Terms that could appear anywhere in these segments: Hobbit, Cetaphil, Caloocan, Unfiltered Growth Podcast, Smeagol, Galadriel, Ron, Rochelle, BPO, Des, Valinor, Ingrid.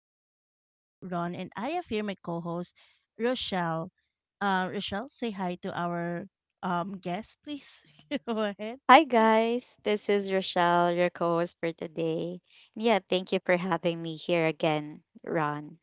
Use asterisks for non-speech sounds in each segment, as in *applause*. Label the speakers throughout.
Speaker 1: This is your host, Ron, and I have here my co host, Rochelle. Rochelle, say hi to our guest, please. *laughs* Go ahead.
Speaker 2: Hi guys, this is Rochelle, your co-host for today. Yeah, thank you for having me here again, Ron.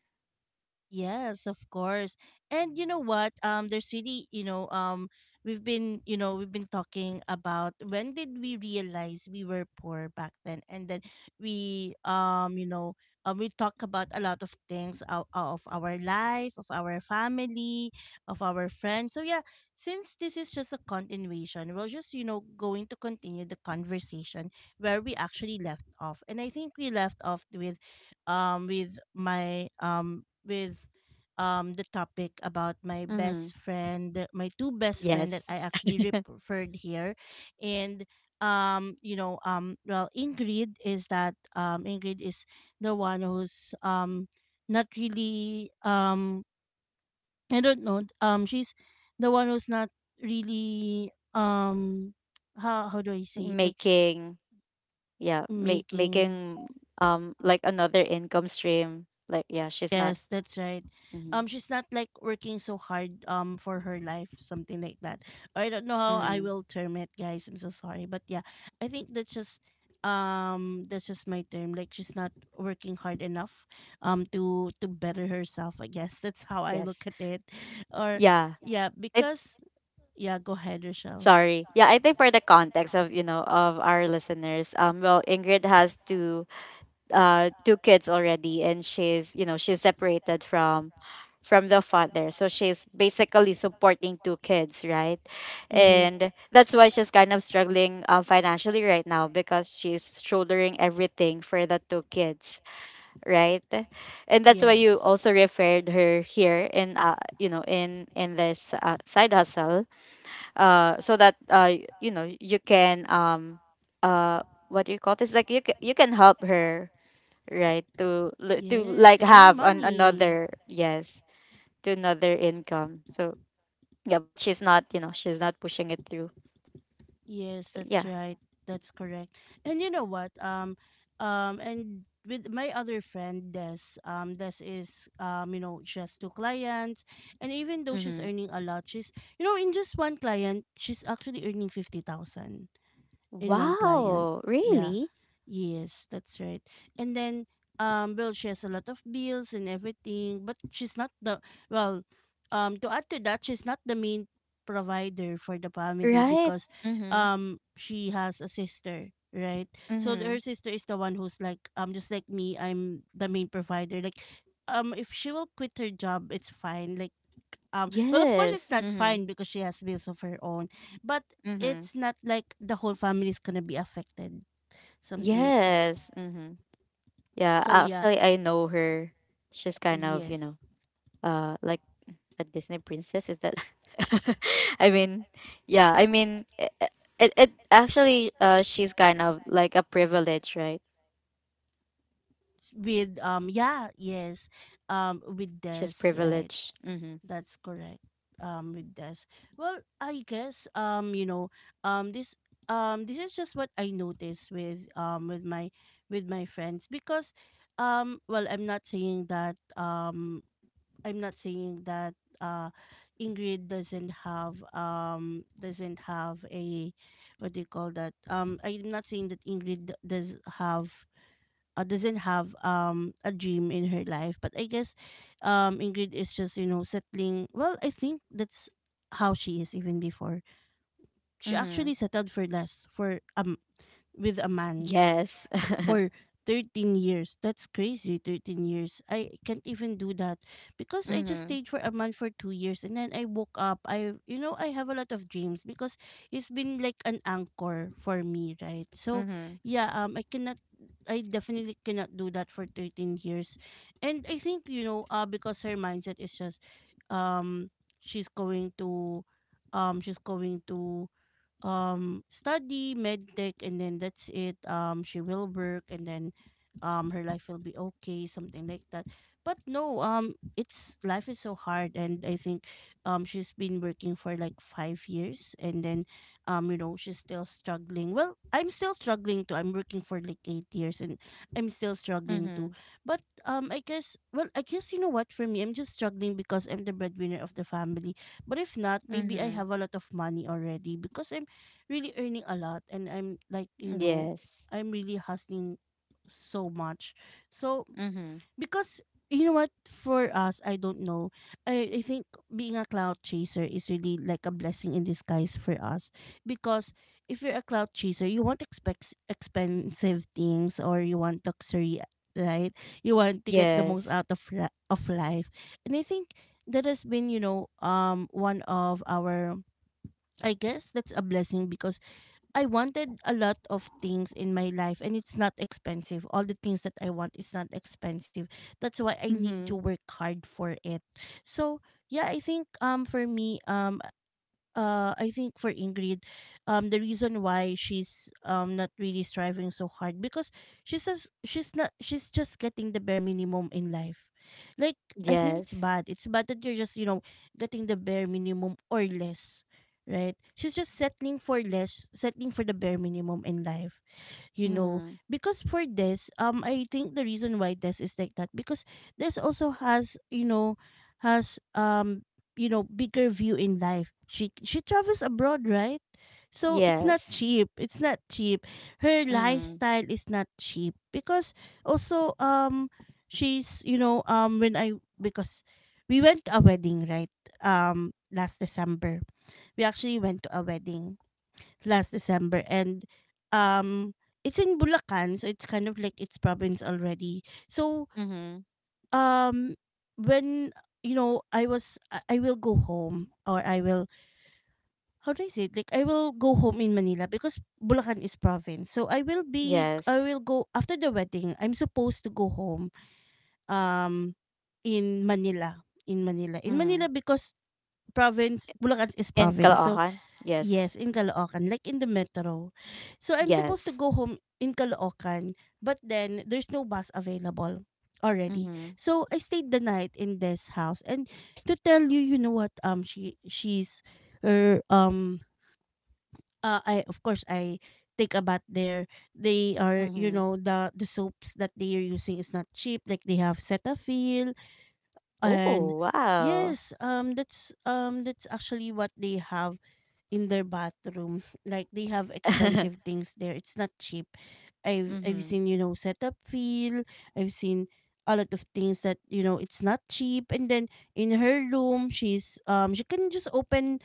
Speaker 1: Yes, of course. And you know what? There's really, we've been talking about when did we realize we were poor back then, and then we, um, you know, we talk about a lot of things of our life, of our family, of our friends. So yeah, since this is just a continuation, we're just going to continue the conversation where we actually left off, and I think we left off with my with the topic about my
Speaker 2: Mm-hmm.
Speaker 1: best friend, my two best friend that
Speaker 2: Yes,
Speaker 1: I actually
Speaker 2: *laughs*
Speaker 1: referred here, and Ingrid is the one who's not really I don't know she's the one who's not really how do I say it, like
Speaker 2: making, yeah, make
Speaker 1: making.
Speaker 2: making like another income stream. Like, yeah, she's not.
Speaker 1: Yes, that's right.
Speaker 2: Mm-hmm.
Speaker 1: She's not like working so hard for her life, something like that. I don't know how I
Speaker 2: Mm-hmm.
Speaker 1: will term it, guys. I'm so sorry, but yeah, I think that's just my term. Like she's not working hard enough to better herself. I guess *laughs* that's how I
Speaker 2: Yes,
Speaker 1: look at it. Or
Speaker 2: yeah.
Speaker 1: yeah,
Speaker 2: I
Speaker 1: because yeah, go ahead, Rochelle.
Speaker 2: sorry. Yeah, I think for the context of you know of our listeners, well, Ingrid has to two kids already, and she's you know she's separated from the father, so she's basically supporting two kids, right?
Speaker 1: Mm-hmm.
Speaker 2: And that's why she's kind of struggling, financially right now, because she's shouldering everything for the two kids, right? And that's why
Speaker 1: Yes,
Speaker 2: you also referred her here in you know in this side hustle, so that you can uh what do you call this, like, you you can help her, right, to to
Speaker 1: yes,
Speaker 2: like
Speaker 1: to earn
Speaker 2: have an
Speaker 1: money.
Speaker 2: another, yes, to another income, so yeah, but she's not pushing it through,
Speaker 1: Yes,
Speaker 2: so
Speaker 1: that's
Speaker 2: yeah.
Speaker 1: right. That's *laughs* correct. And you know what? And with my other friend Des, Des is, you know, she has two clients, and even though she's
Speaker 2: Mm-hmm.
Speaker 1: earning a lot, she's, you know, in just one client, she's actually earning 50,000 in one client.
Speaker 2: Wow,
Speaker 1: Yeah.
Speaker 2: really?
Speaker 1: Yes, that's right. And then well she has a lot of bills and everything, but she's not the well, to add to that, she's not the main provider for the family
Speaker 2: Right.
Speaker 1: because
Speaker 2: Mm-hmm.
Speaker 1: um she has a sister, right? So
Speaker 2: Mm-hmm.
Speaker 1: her sister is the one who's like, just like me, I'm the main provider. Like, if she will quit her job, it's fine. Like, well, of course it's
Speaker 2: Yes.
Speaker 1: not fine
Speaker 2: Mm-hmm.
Speaker 1: because she has bills of her own, but
Speaker 2: Mm-hmm.
Speaker 1: it's not like the whole family is gonna be affected, something like that.
Speaker 2: Yes. Mm-hmm. Yeah,
Speaker 1: So yeah,
Speaker 2: actually, I know her. She's kind of,
Speaker 1: yes,
Speaker 2: like a Disney princess. Is that? *laughs* I mean, yeah. I mean, it actually, she's kind of like a privilege, right?
Speaker 1: yes, with
Speaker 2: She's
Speaker 1: this, right?
Speaker 2: privileged. Mm-hmm.
Speaker 1: That's correct. With this, well, I guess, you know, um, this this is just what I noticed with with my friends because, well, I'm not saying that uh Ingrid doesn't have a what do you call that? I'm not saying that Ingrid doesn't have a dream in her life, but I guess Ingrid is just, you know, settling. Well, I think that's how she is even before. She
Speaker 2: Mm-hmm.
Speaker 1: actually settled for less for, with a man
Speaker 2: Yes. *laughs*
Speaker 1: for 13 years. That's crazy, 13 years. I can't even do that because I just
Speaker 2: Mm-hmm.
Speaker 1: stayed for a month for 2 years and then I woke up. I You know, I have a lot of dreams because it's been like an anchor for me, right? So,
Speaker 2: Mm-hmm.
Speaker 1: yeah, I definitely cannot do that for 13 years. And I think, you know, because her mindset is just, um she's going to she's going to, study medtech and then that's it. She will work and then her life will be okay, something like that. But no, it's life is so hard and I think she's been working for like 5 years and then, you know, she's still struggling. Well, I'm still struggling too. I'm working for like 8 years and I'm still struggling
Speaker 2: Mm-hmm.
Speaker 1: too. But I guess, well, I guess, you know what, for me, I'm just struggling because I'm the breadwinner of the family, but if not, maybe I
Speaker 2: Mm-hmm.
Speaker 1: have a lot of money already because I really earning a lot and I'm like, you know,
Speaker 2: Yes.
Speaker 1: I'm really hustling so much. So,
Speaker 2: Mm-hmm.
Speaker 1: because, you know what, for us, I don't know. I think being a cloud chaser is really like a blessing in disguise for us. Because if you're a cloud chaser, you want expect expensive things or you want luxury, right? You want to get the most
Speaker 2: Yes.
Speaker 1: out of life. And I think that has been, you know, one of our, I guess that's a blessing because I wanted a lot of things in my life and it's not expensive. All the things that I want is not expensive. That's why I need to
Speaker 2: Mm-hmm.
Speaker 1: work hard for it. So yeah, I think for me I think for Ingrid, the reason why she's not really striving so hard because she says she's not she's just getting the bare minimum in life. Like, I think it's
Speaker 2: Yes.
Speaker 1: bad. It's bad that you're just, you know, getting the bare minimum or less. Right? She's just settling for less, settling for the bare minimum in life, you know,
Speaker 2: Mm-hmm.
Speaker 1: because for this, I think the reason why this is like that, because this also has, you know, has you know, bigger view in life. She travels abroad, right? So it's not
Speaker 2: Yes.
Speaker 1: cheap, it's not cheap. Her
Speaker 2: Mm-hmm.
Speaker 1: lifestyle is not cheap because also, she's, you know, when I because we went to a wedding, right? Last December, we actually went to a wedding last December, and um it's in Bulacan, so it's kind of like its province already. So,
Speaker 2: Mm-hmm.
Speaker 1: um when, you know, I was I will go home, or I will, how do I say it? Like I will go home in Manila because Bulacan is province. So I
Speaker 2: Yes.
Speaker 1: will go after the wedding. I'm supposed to go home um in Manila. In Manila. In
Speaker 2: Mm-hmm.
Speaker 1: Manila because province, Bulacan is
Speaker 2: In
Speaker 1: province. So.
Speaker 2: Caloocan? Yes.
Speaker 1: Yes, in Caloocan, like in the metro. So I'm supposed to
Speaker 2: Yes.
Speaker 1: go home in Caloocan, but then there's no bus available already.
Speaker 2: Mm-hmm.
Speaker 1: So I stayed the night in this house. And to tell you, you know what? She she's her. I Of course I take a bath there. They are, you
Speaker 2: Mm-hmm.
Speaker 1: know, the soaps that they are using is not cheap. Like they have Cetaphil and
Speaker 2: Oh, wow.
Speaker 1: yes, that's actually what they have in their bathroom. Like they have expensive
Speaker 2: *laughs*
Speaker 1: things there. It's not cheap. I've
Speaker 2: Mhm,
Speaker 1: seen, you know, setup feel. I've seen a lot of things that, you know, it's not cheap. And then in her room, she can just open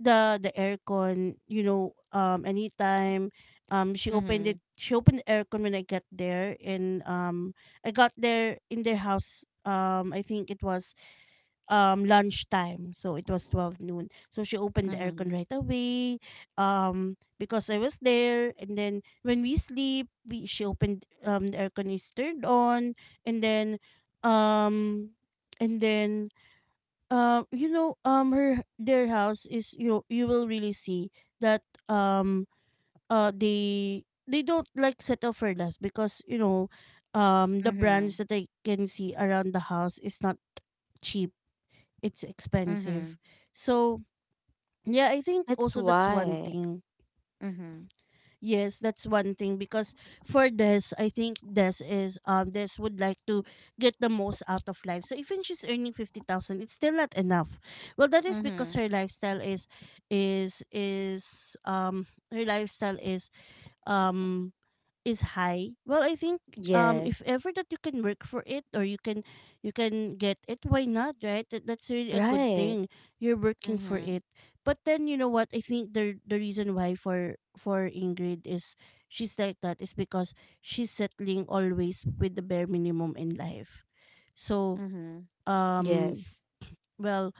Speaker 1: the aircon, you know, anytime.
Speaker 2: mhm,
Speaker 1: She opened the aircon when I got there, and I got there in their house I think it was lunchtime, so it was 12 noon, so she opened the
Speaker 2: mhm,
Speaker 1: aircon right away because I was there, and then when we sleep, we she opened, the aircon is turned on. And then, um and then you know, her their house is, you know, you will really see that, um uh they they don't like settle for less because, you know, the brands
Speaker 2: mhm,
Speaker 1: that I can see around the house is not cheap, it's
Speaker 2: mhm.
Speaker 1: expensive. So, yeah, I think
Speaker 2: That's
Speaker 1: also that's one
Speaker 2: why.
Speaker 1: thing.
Speaker 2: Mhm,
Speaker 1: Yes, that's one thing because for this, I think this is this would like to get the most out of life. So even she's earning 50,000, it's still not enough. Well, that is because
Speaker 2: mhm.
Speaker 1: her lifestyle is, her lifestyle is, um is high. Well, I think if
Speaker 2: Yes.
Speaker 1: ever that you can work for it, or you can, you can get it, why not, right? That's really a good
Speaker 2: Right.
Speaker 1: thing, you're working for
Speaker 2: Mhm,
Speaker 1: it. But then, you know what, I think the reason why for Ingrid is she's like that is because she's settling always with the bare minimum in life. So,
Speaker 2: mhm.
Speaker 1: um
Speaker 2: Yes.
Speaker 1: well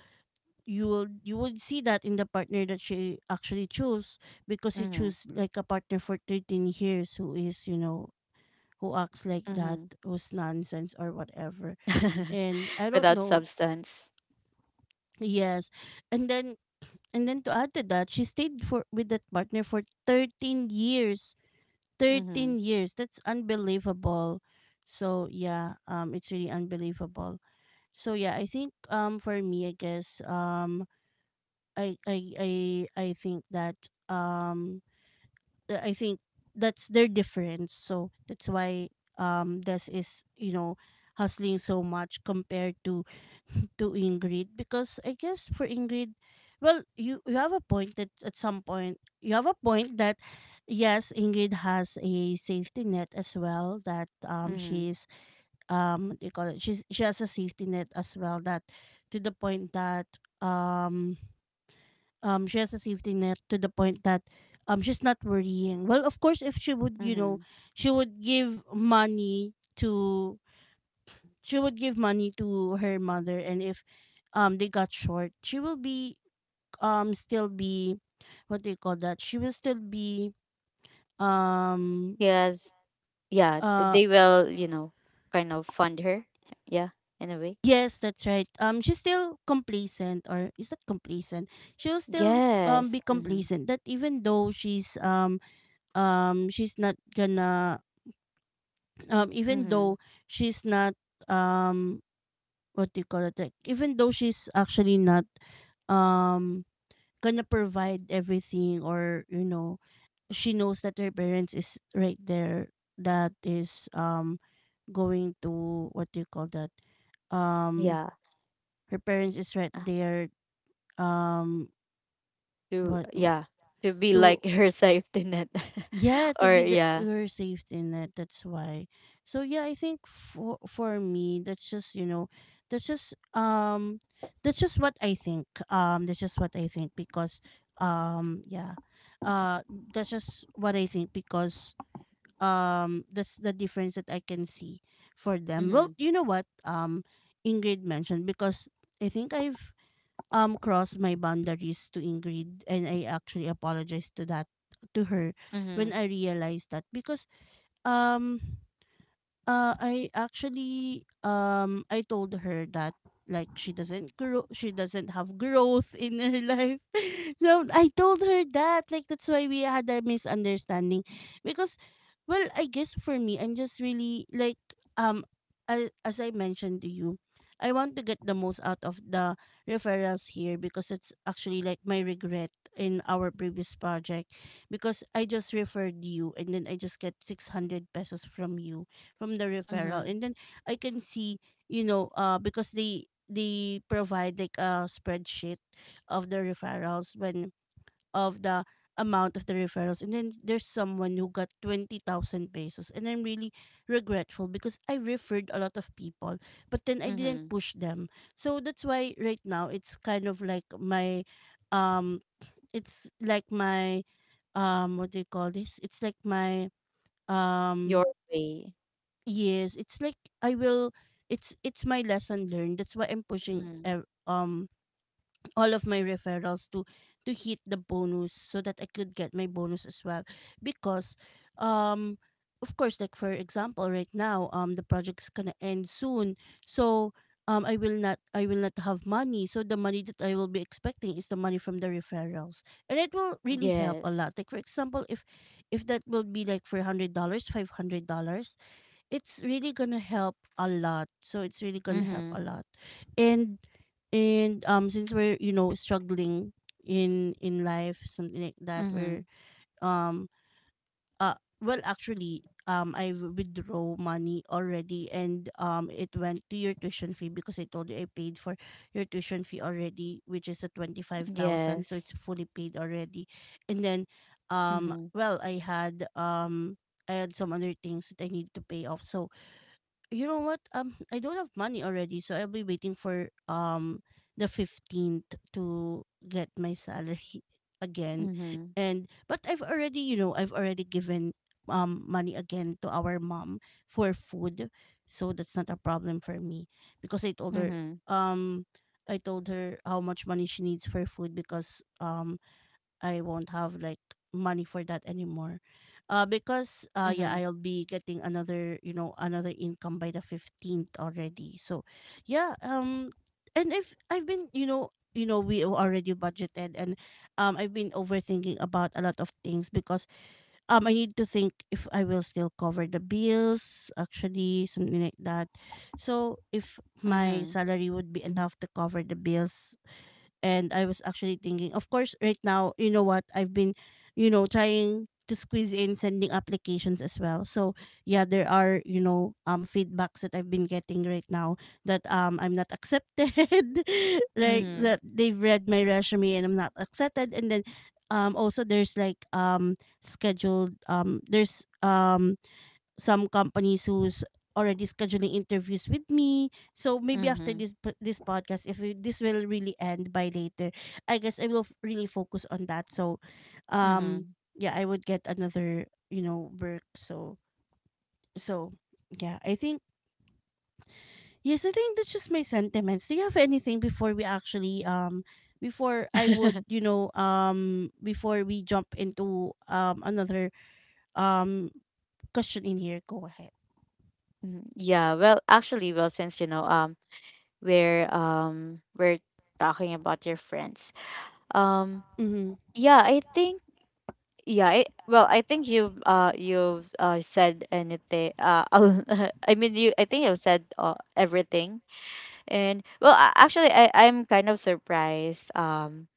Speaker 1: you will you would see that in the partner that she actually chose, because she
Speaker 2: Mhm,
Speaker 1: chose like a partner for 13 years who is, you know, who acts like that,
Speaker 2: mhm.
Speaker 1: who's nonsense or whatever.
Speaker 2: *laughs*
Speaker 1: And I don't
Speaker 2: Without
Speaker 1: know.
Speaker 2: substance.
Speaker 1: Yes. And then, to add to that, she stayed for with that partner for 13 years.
Speaker 2: Mhm,
Speaker 1: 13 years. That's unbelievable. So yeah, it's really unbelievable. So yeah, I think for me I guess I I I I think that, um I think that's their difference. So that's why Des is, you know, hustling so much compared to *laughs* to Ingrid. Because I guess for Ingrid, well, you have a point, that at some point you have a point that yes, Ingrid has a safety net as well, that
Speaker 2: mhm,
Speaker 1: she's, what do you call it, she has a safety net as well, that to the point that um she has a safety net to the point that she's not worrying. Well, of course, if she would, you know,
Speaker 2: mhm.
Speaker 1: she would give money to she would give money to her mother, and if they got short, she will be still be, what do you call that, she will still be um
Speaker 2: Yes. Yeah.
Speaker 1: uh
Speaker 2: They will, kind of fund her. Yeah, in a way.
Speaker 1: yes, that's right. She's still complacent, or is that complacent? She will still
Speaker 2: Yes.
Speaker 1: be
Speaker 2: Mhm,
Speaker 1: complacent, that even though she's not gonna, even
Speaker 2: mhm.
Speaker 1: though she's not um what do you call it, like even though she's actually not um gonna provide everything, or you know, she knows that her parents is right there, that is going to, what do you call that, um
Speaker 2: Yeah.
Speaker 1: her parents is right
Speaker 2: Uh-huh.
Speaker 1: there. Um
Speaker 2: To,
Speaker 1: what
Speaker 2: yeah, to be
Speaker 1: to
Speaker 2: like, *laughs* her safety net.
Speaker 1: Yeah,
Speaker 2: *laughs*
Speaker 1: to
Speaker 2: Or
Speaker 1: be the
Speaker 2: yeah.
Speaker 1: your safety net. That's why. So yeah, I think for me, that's just, you know, that's just um, that's just what I think. That's just what I think because um, yeah, uh, that's just what I think because that's the difference that I can see for them.
Speaker 2: Mm-hmm.
Speaker 1: Well, you know what, Ingrid mentioned, because I think I've crossed my boundaries to Ingrid, and I actually apologized to that, to her,
Speaker 2: Mm-hmm.
Speaker 1: when I realized that. Because um I actually I told her that, like, she doesn't grow, she doesn't have growth in her life. *laughs* So I told her that, like, that's why we had a misunderstanding. Because, well, I guess for me, I'm just really like, um as, I mentioned to you, I want to get the most out of the referrals here, because it's actually like my regret in our previous project. Because I just referred you, and then I just get 600 pesos from you from the referral.
Speaker 2: Mm-hmm.
Speaker 1: And then I can see, you know, because they provide like a spreadsheet of the referrals, when of the amount of the referrals, and then there's someone who got 20,000 pesos, and I'm really regretful because I referred a lot of people but then I didn't
Speaker 2: Mm-hmm.
Speaker 1: push them. So that's why right now it's kind of like my um it's like my what do you call this, it's like my
Speaker 2: Your
Speaker 1: um
Speaker 2: way.
Speaker 1: yes, it's like I will it's my lesson learned. That's why I'm pushing
Speaker 2: Mm-hmm.
Speaker 1: all of my referrals to hit the bonus, so that I could get my bonus as well. Because um of course, like for example right now, the project's going to end soon. So I will not, I will not have money. So the money that I will be expecting is the money from the referrals. And it will really help a
Speaker 2: Yes.
Speaker 1: lot. Like for example, if that will be like for $100, $500, it's really gonna help a lot. So it's really gonna help a
Speaker 2: Mm-hmm.
Speaker 1: lot. And since we're, you know, struggling in life, something like that. We're
Speaker 2: Mm-hmm.
Speaker 1: um uh well, actually I've withdraw money already, and it went to your tuition fee, because I told you I paid for your tuition fee already, which is a 25,000, so
Speaker 2: Yes.
Speaker 1: it's fully paid already. And then
Speaker 2: Mm-hmm.
Speaker 1: well, I had some other things that I need to pay off. So, you know what? I don't have money already, so I'll be waiting for the 15th to get my salary *laughs* again.
Speaker 2: Mm-hmm.
Speaker 1: And but I've already, you know, I've already given money again to our mom for food, so that's not a problem for me, because I told her,
Speaker 2: Mm-hmm.
Speaker 1: um I told her how much money she needs for food. Because I won't have like money for that anymore. Because yeah,
Speaker 2: Mm-hmm.
Speaker 1: I'll be getting another, you know, another income by the 15th already. So yeah, and if I've been, you know, we already budgeted. And I've been overthinking about a lot of things, because I need to think if I will still cover the bills, actually, something like that. So, if my
Speaker 2: Mm-hmm.
Speaker 1: salary would be enough to cover the bills. And I was actually thinking, of course, right now, you know what, I've been, you know, trying to squeeze in sending applications as well. So yeah, there are, you know, feedbacks that I've been getting right now, that I'm not accepted. *laughs* Right.
Speaker 2: Mm-hmm.
Speaker 1: That they've read my resume and I'm not accepted. And then also there's like scheduled, there's some companies who's already scheduling interviews with me. So maybe after
Speaker 2: Mm-hmm.
Speaker 1: this this podcast, if this will really end by later, I guess I will really focus on that. So, um,
Speaker 2: Mm-hmm.
Speaker 1: yeah, I would get another, you know, work. So, so yeah, I think, yes, I think that's just my sentiments. Do you have anything before we actually before I would,
Speaker 2: *laughs*
Speaker 1: you know, before we jump into another um question in here? Go ahead.
Speaker 2: Yeah, well, actually, since we're talking about your friends. Um
Speaker 1: Mhm.
Speaker 2: yeah, I think, yeah, I, well, I think you've said anything, *laughs* I mean, you I think you've said, everything. And, well, actually, I'm kind of surprised.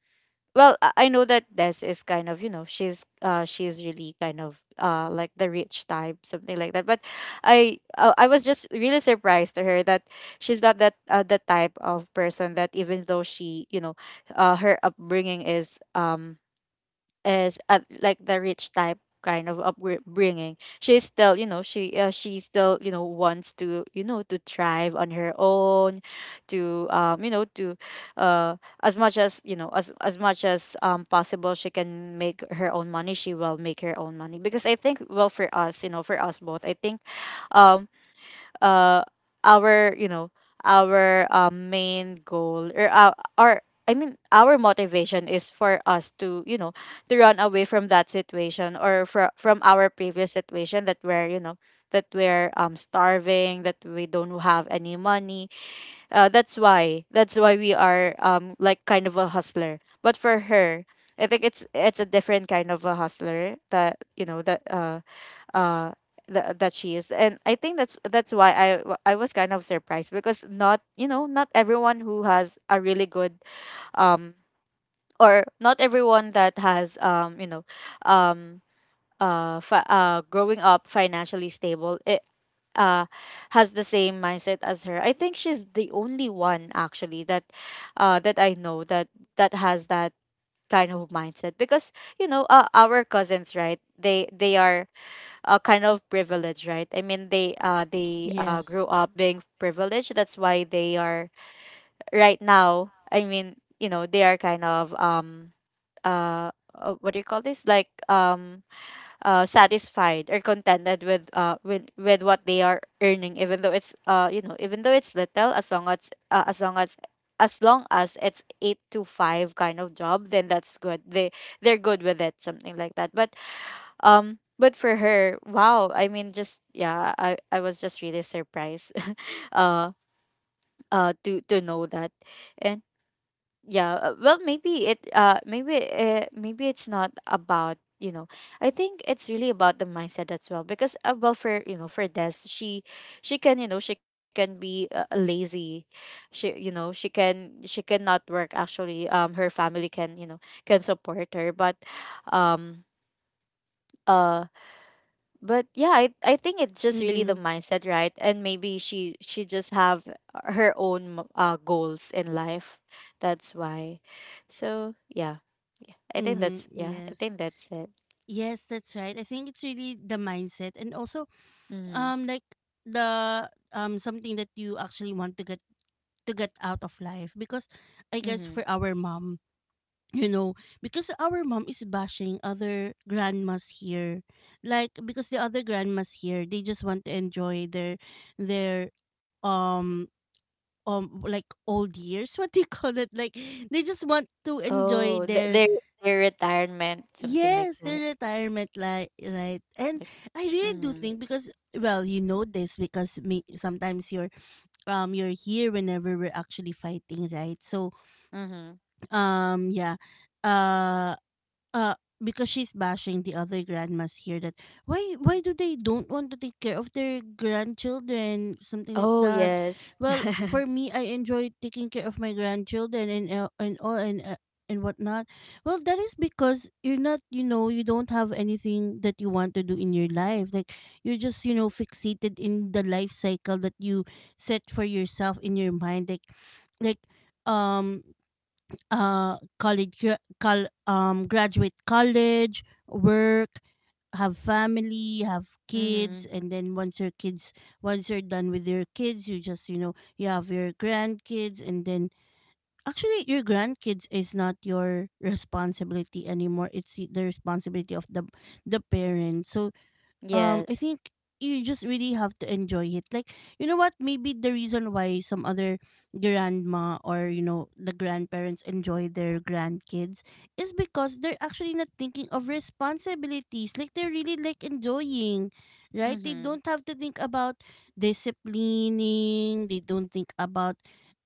Speaker 2: Well, I know that Des is kind of, you know, she's really kind of, like the rich type, something like that, but I, I was just really surprised to her that she's not that, the type of person that, even though she, you know, her upbringing is, as like the rich type kind of upbringing, she still, you know, wants to, you know to thrive on her own, to as much as, you know, as much as, possible, she can make her own money, she will make her own money. Because I think, well, for us, you know, for us both, I think, um uh our, you know, our main goal, or our, I mean, our motivation, is for us to, you know, to run away from that situation, or from our previous situation that we're, you know, that we're starving, that we don't have any money, that's why, that's why we are, like kind of a hustler. But for her, I think it's a different kind of a hustler that, you know, that uh that she is. And I think that's why I was kind of surprised, because not you know not everyone who has a really good, um or not everyone that has, you know, um growing up financially stable, it, uh has the same mindset as her. I think she's the only one actually that that I know that, that has that kind of mindset. Because, you know, our cousins, right, they are, kind of privilege, right? I mean, they
Speaker 1: Yes.
Speaker 2: grew up being privileged. That's why they are right now. I mean, you know, they are kind of, what do you call this? Like, satisfied or contented with, with what they are earning, even though it's, you know, even though it's little, as long as, as long as long as it's eight to five kind of job, then that's good. They, they're good with it, something like that. But, but for her, wow. I mean, just yeah, I was just really surprised, *laughs* uh, to know that, and yeah, well, maybe it's not about, you know. I think it's really about the mindset as well, because well, for, you know, for Des, she can, you know, she can be, lazy, she, you know, she can, she cannot work actually. Her family can, you know, can support her, um uh but yeah, I think it's just really the
Speaker 1: Mm-hmm.
Speaker 2: mindset, right? And maybe she just have her own, goals in life, that's why. So yeah, yeah, I think
Speaker 1: Mm-hmm.
Speaker 2: that's, yeah, I
Speaker 1: Yes.
Speaker 2: think that's it.
Speaker 1: Yes, that's right. I think it's really the mindset, and also
Speaker 2: Mm-hmm.
Speaker 1: like the something that you actually want to get, out of life. Because I guess
Speaker 2: Mm-hmm.
Speaker 1: for our mom, you know, because our mom is bashing other grandmas here. Like, because the other grandmas here, they just want to enjoy their their um like old years, *laughs* what do you call it, like, they just want to enjoy
Speaker 2: Oh,
Speaker 1: their,
Speaker 2: their retirement, something like
Speaker 1: yes,
Speaker 2: that.
Speaker 1: the retirement li right. And
Speaker 2: Like.
Speaker 1: I really do
Speaker 2: Mm-hmm.
Speaker 1: think, because well, you know this, because me sometimes you're here whenever we're actually fighting, right? So
Speaker 2: Mm-hmm.
Speaker 1: yeah. Uh uh because she's bashing the other grandmas here, that why do they don't want to take care of their grandchildren, something like
Speaker 2: Oh,
Speaker 1: that.
Speaker 2: yes. *laughs*
Speaker 1: Well, for me, I enjoy taking care of my grandchildren and all, and whatnot. Well, that is because you're not, you know, you don't have anything that you want to do in your life. Like, you're just, you know, fixated in the life cycle that you set for yourself in your mind, like, like um college graduate, college, work, have family, have
Speaker 2: Mm-hmm.
Speaker 1: kids, and then once your kids, once you're done with your kids, you just, you know, you have your grandkids, and then actually your grandkids is not your responsibility anymore. It's the responsibility of the parent. So I
Speaker 2: Yes.
Speaker 1: think you just really have to enjoy it. Like, you know what? Maybe the reason why some other grandma, or you know, the grandparents, enjoy their grandkids, is because they're actually not thinking of responsibilities. Like, they're really like enjoying, right? They
Speaker 2: Mm-hmm.
Speaker 1: don't have to think about disciplining. They don't think about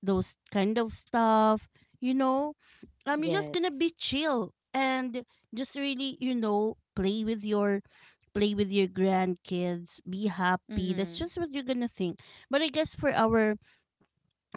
Speaker 1: those kind of stuff. You know, you're just gonna
Speaker 2: Yes.
Speaker 1: be chill, and just really, you know, play with your, play with your grandkids, be happy. That's
Speaker 2: Mm-hmm.
Speaker 1: just what you're gonna think. But I guess for our,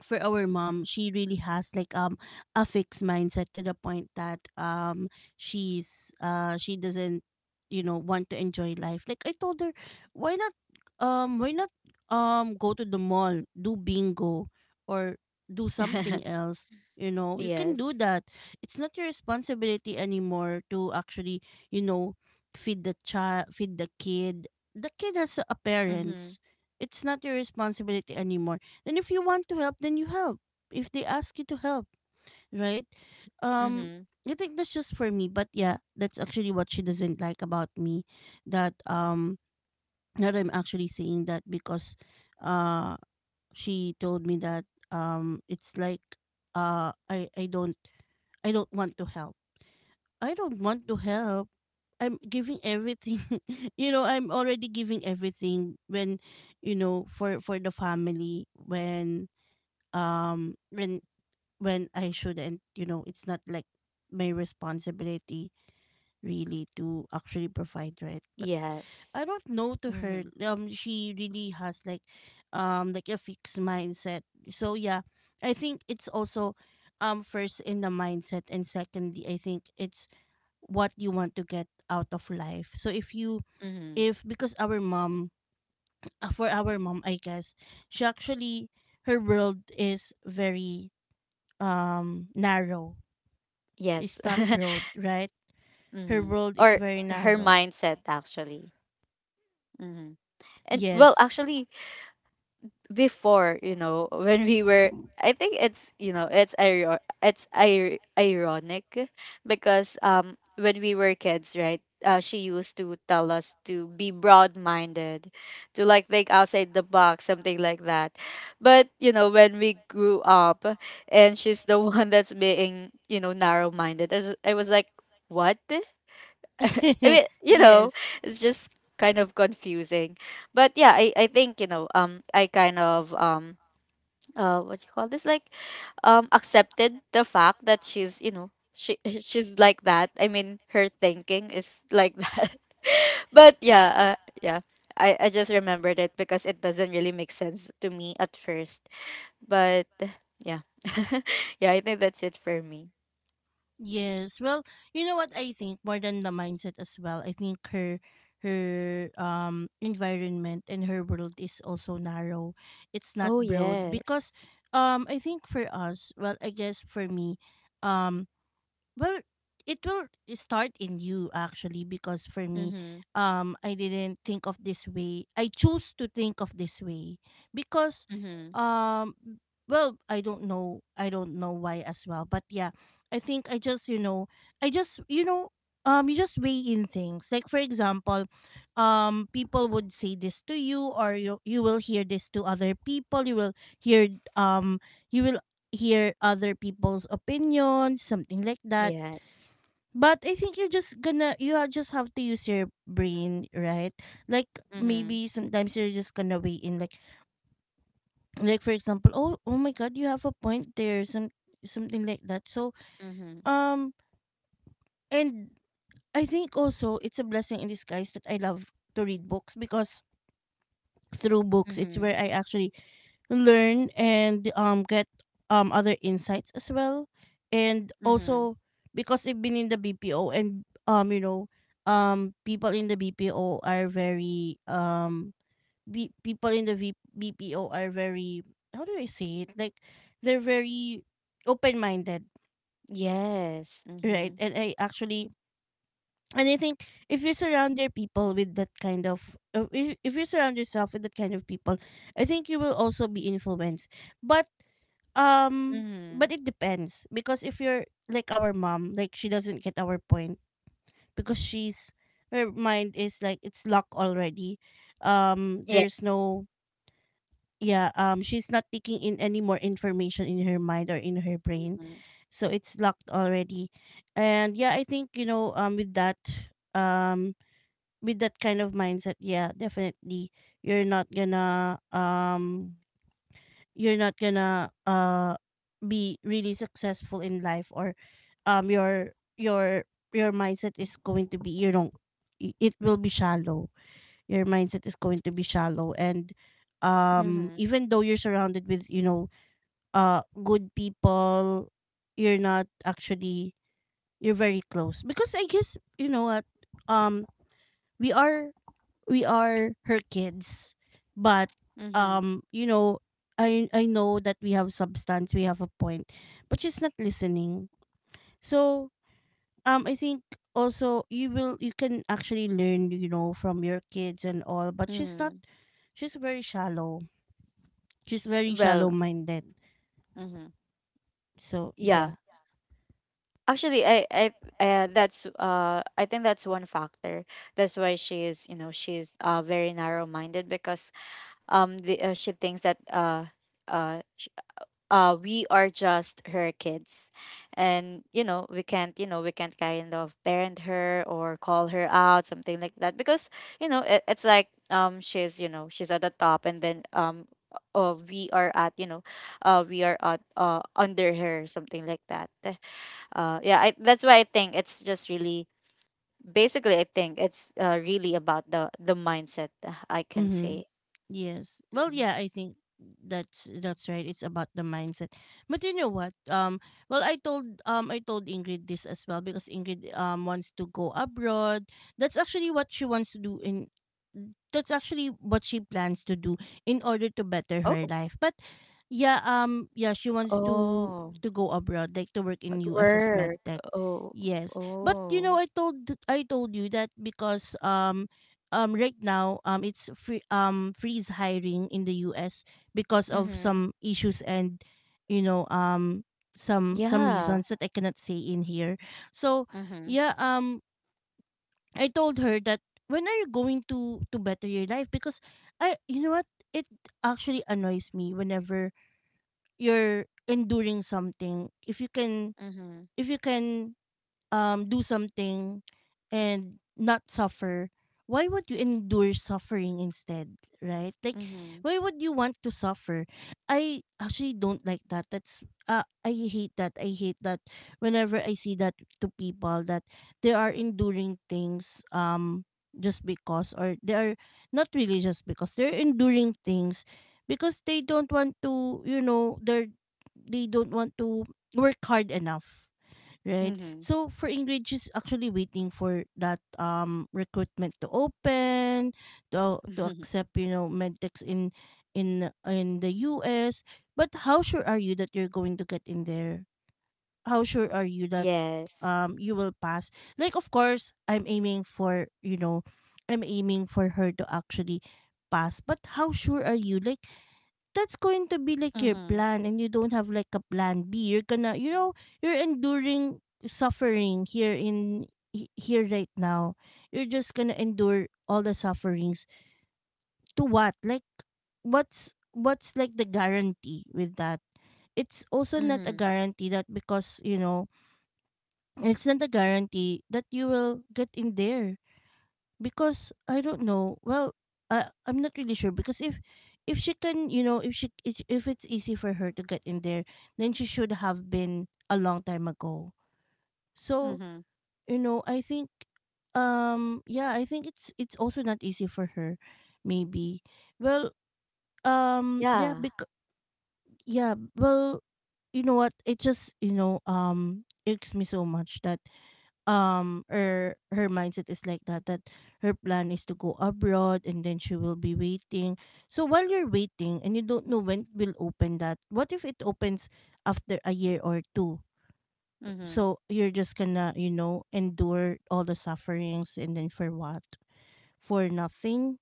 Speaker 1: for our mom, she really has like a fixed mindset, to the point that she's she doesn't, you know, want to enjoy life. Like, I told her, why not why not go to the mall, do bingo, or do something
Speaker 2: *laughs*
Speaker 1: else. You know, you can do
Speaker 2: Yes.
Speaker 1: that. It's not your responsibility anymore to actually, you know, feed the child, feed the kid. The kid has a
Speaker 2: Mm-hmm.
Speaker 1: parents. It's not your responsibility anymore, and if you want to help, then you help. If they ask you to help, right? Um,
Speaker 2: Mm-hmm.
Speaker 1: I think that's just for me. But yeah, that's actually what she doesn't like about me. That now that I'm actually saying that, because uh, she told me that it's like I don't, I don't want to help. I don't want to help. I'm giving everything. *laughs* You know, I'm already giving everything, when, you know, for the family, when um when when I shouldn't, you know. It's not like my responsibility really, to actually provide, right? But
Speaker 2: Yes.
Speaker 1: I don't know, to her,
Speaker 2: Mm-hmm.
Speaker 1: she really has like a fixed mindset. So yeah, I think it's also first in the mindset, and secondly I think it's what you want to get out of life. So if you,
Speaker 2: Mm-hmm.
Speaker 1: if because our mom, for our mom I guess, she actually, her world is very narrow.
Speaker 2: Yes.
Speaker 1: It's not
Speaker 2: *laughs*
Speaker 1: broad, right? Her
Speaker 2: Mm-hmm.
Speaker 1: world is
Speaker 2: Or
Speaker 1: very
Speaker 2: her
Speaker 1: narrow.
Speaker 2: mindset, actually. Mm-hmm. And, well,
Speaker 1: Yes.
Speaker 2: actually, before, you know, when we were— I think it's, you know, it's ir- ironic, because when we were kids, right? She used to tell us to be broad-minded, to like think outside the box, something like that. But, you know, when we grew up, and she's the *laughs* one that's being, you know, narrow-minded, I was like, "What?" I
Speaker 1: *laughs*
Speaker 2: mean, you
Speaker 1: Yes.
Speaker 2: know, it's just kind of confusing. But yeah, I think, you know, I kind of, what you call this, like, accepted the fact that she's, you know, she *laughs* she's like that. I mean, her thinking is like that. *laughs* But yeah, yeah, I just remembered it because it doesn't really make sense to me at first. But yeah, *laughs* yeah, I think that's it for me.
Speaker 1: Yes. Well, you know what, I think more than the mindset as well, I think her, her environment and her world is also narrow. It's not
Speaker 2: Oh,
Speaker 1: broad
Speaker 2: yes.
Speaker 1: because I think for us, well, I guess for me, um Well, it will start in you actually because for me,
Speaker 2: Mhm,
Speaker 1: I didn't think of this way. I choose to think of this way because,
Speaker 2: mhm.
Speaker 1: um, well, I don't know why as well. But yeah, I think I just you know, I just you know, you just weigh in things. Like for example, people would say this to you, or you will hear this to other people. Hear um, you will hear other people's opinions, something like that.
Speaker 2: Yes.
Speaker 1: But I think you're just gonna just have to use your brain, right? Like
Speaker 2: Mhm,
Speaker 1: maybe sometimes you're just gonna weigh in like for example, oh my god, you have a point there, something like that. So
Speaker 2: mhm,
Speaker 1: um and I think also it's a blessing in disguise that I love to read books because through books it's
Speaker 2: mhm,
Speaker 1: where I actually learn and get other insights as well and
Speaker 2: mhm.
Speaker 1: also because I've been in the BPO and people in the BPO are very people in the BPO are very how do I say it, like they're very open minded,
Speaker 2: Yes.
Speaker 1: right?
Speaker 2: Mhm,
Speaker 1: And I actually and I think if you surround your people with that kind of if you surround yourself with that kind of people, I think you will also be influenced. But Um, but
Speaker 2: mhm.
Speaker 1: it depends because if you're like our mom, like she doesn't get our point because she's her mind is like it's locked already. Um,
Speaker 2: Yeah.
Speaker 1: there's no yeah. She's not taking in any more information in her mind or in her brain,
Speaker 2: Mhm,
Speaker 1: so it's locked already. And yeah, I think um with that kind of mindset, yeah, definitely you're not gonna be really successful in life, or um your your your mindset is going to be it will be shallow. Your mindset is going to be shallow, and
Speaker 2: mhm,
Speaker 1: even though you're surrounded with good people, you're not actually you're very close because I guess you know what, um we are we are her kids. But um you know I know that we have substance, we have a point, but she's not listening. So I think also you will you can actually learn, you know, from your kids and all, but she's not,
Speaker 2: mhm.
Speaker 1: she's very shallow, she's very shallow
Speaker 2: Well,
Speaker 1: minded.
Speaker 2: mhm.
Speaker 1: So
Speaker 2: Yeah.
Speaker 1: yeah.
Speaker 2: Actually, I, that's, I think that's one factor. That's why she is, you know, she's, very narrow-minded, because, the, she thinks that, uh, we are just her kids, and, you know, we can't, you know, we can't kind of parent her or call her out, something like that, because, you know, it, it's like, she's, you know, she's at the top, and then we are at, you know, we are at under her, something like that, yeah, I, that's why I think it's just really, basically, I think it's, really about the mindset, I can
Speaker 1: Mhm.
Speaker 2: say.
Speaker 1: Yes. Well,
Speaker 2: Mhm.
Speaker 1: yeah, I think that's right. It's about the mindset. But you know what? I told Ingrid this as well because Ingrid wants to go abroad. That's actually what she wants to do in that's actually what she plans to do in order to better her
Speaker 2: Oh.
Speaker 1: life. But yeah, she wants
Speaker 2: Oh.
Speaker 1: to go abroad, like to work in
Speaker 2: Like.
Speaker 1: US as med
Speaker 2: Work.
Speaker 1: tech.
Speaker 2: Oh,
Speaker 1: Yes. But you know,
Speaker 2: oh.
Speaker 1: I told you that because right now it's freeze hiring in the US because of
Speaker 2: Mm-hmm.
Speaker 1: some issues, and you know some
Speaker 2: Yeah.
Speaker 1: reasons that I cannot say in here. So
Speaker 2: Mm-hmm.
Speaker 1: yeah, I told her that, when are you going to better your life? Because I, you know what, it actually annoys me whenever you're enduring something. If you can
Speaker 2: Mm-hmm.
Speaker 1: if you can do something and not suffer, why would you endure suffering instead, right? Like
Speaker 2: Mm-hmm.
Speaker 1: why would you want to suffer? I actually don't like that. That's I hate that, I hate that whenever I see that, to people that they are enduring things, just because or they are not really just because they're enduring things because they don't want to, you know, they're they don't want to work hard enough, right?
Speaker 2: Mm-hmm.
Speaker 1: So for Ingrid, she's actually waiting for that recruitment to open, to
Speaker 2: *laughs*
Speaker 1: accept, you know, medtechs in the U.S. But how sure are you that you're going to get in there? How sure are you that
Speaker 2: Yes.
Speaker 1: you will pass? Like, of course, I'm aiming for, you know, I'm aiming for her to actually pass. But how sure are you? Like that's going to be like your
Speaker 2: Mm-hmm.
Speaker 1: plan and you don't have like a plan B. You're gonna, you know, you're enduring suffering here right now. You're just gonna endure all the sufferings. To what? Like what's like the guarantee with that? It's also not a
Speaker 2: Mm-hmm.
Speaker 1: guarantee that, because, you know, it's not a guarantee that you will get in there because I don't know. Well, I'm not really sure because if she can, you know, if it's easy for her to get in there, then she should have been a long time ago. So
Speaker 2: Mm-hmm.
Speaker 1: you know, I think yeah, I think it's also not easy for her, maybe. Well, um yeah,
Speaker 2: Yeah.
Speaker 1: bec- yeah, well, you know what? It just, you know, irks me so much that her her mindset is like that, that her plan is to go abroad and then she will be waiting. So while you're waiting and you don't know when it will open, that what if it opens after a year or two?
Speaker 2: Mm-hmm.
Speaker 1: So you're just gonna, you know, endure all the sufferings, and then for what? For nothing.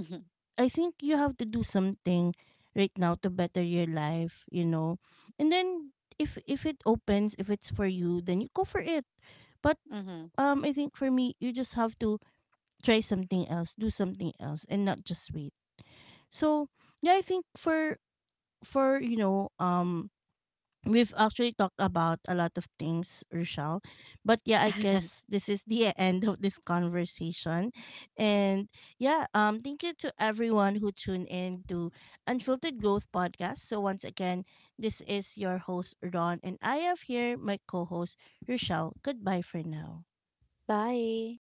Speaker 2: Mm-hmm.
Speaker 1: I think you have to do something right now to better your life, you know. And then if it opens, if it's for you, then you go for it. But
Speaker 2: Mm-hmm.
Speaker 1: I think for me you just have to try something else, do something else, and not just wait. So yeah, I think for you know, we've actually talked about a lot of things, Rochelle. But yeah, I guess this is the *laughs* end of this conversation. And yeah, thank you to everyone who tuned in to Unfiltered Growth Podcast. So once again, this is your host Ron, and I have here my co-host Rochelle. Goodbye for now.
Speaker 2: *laughs* Bye.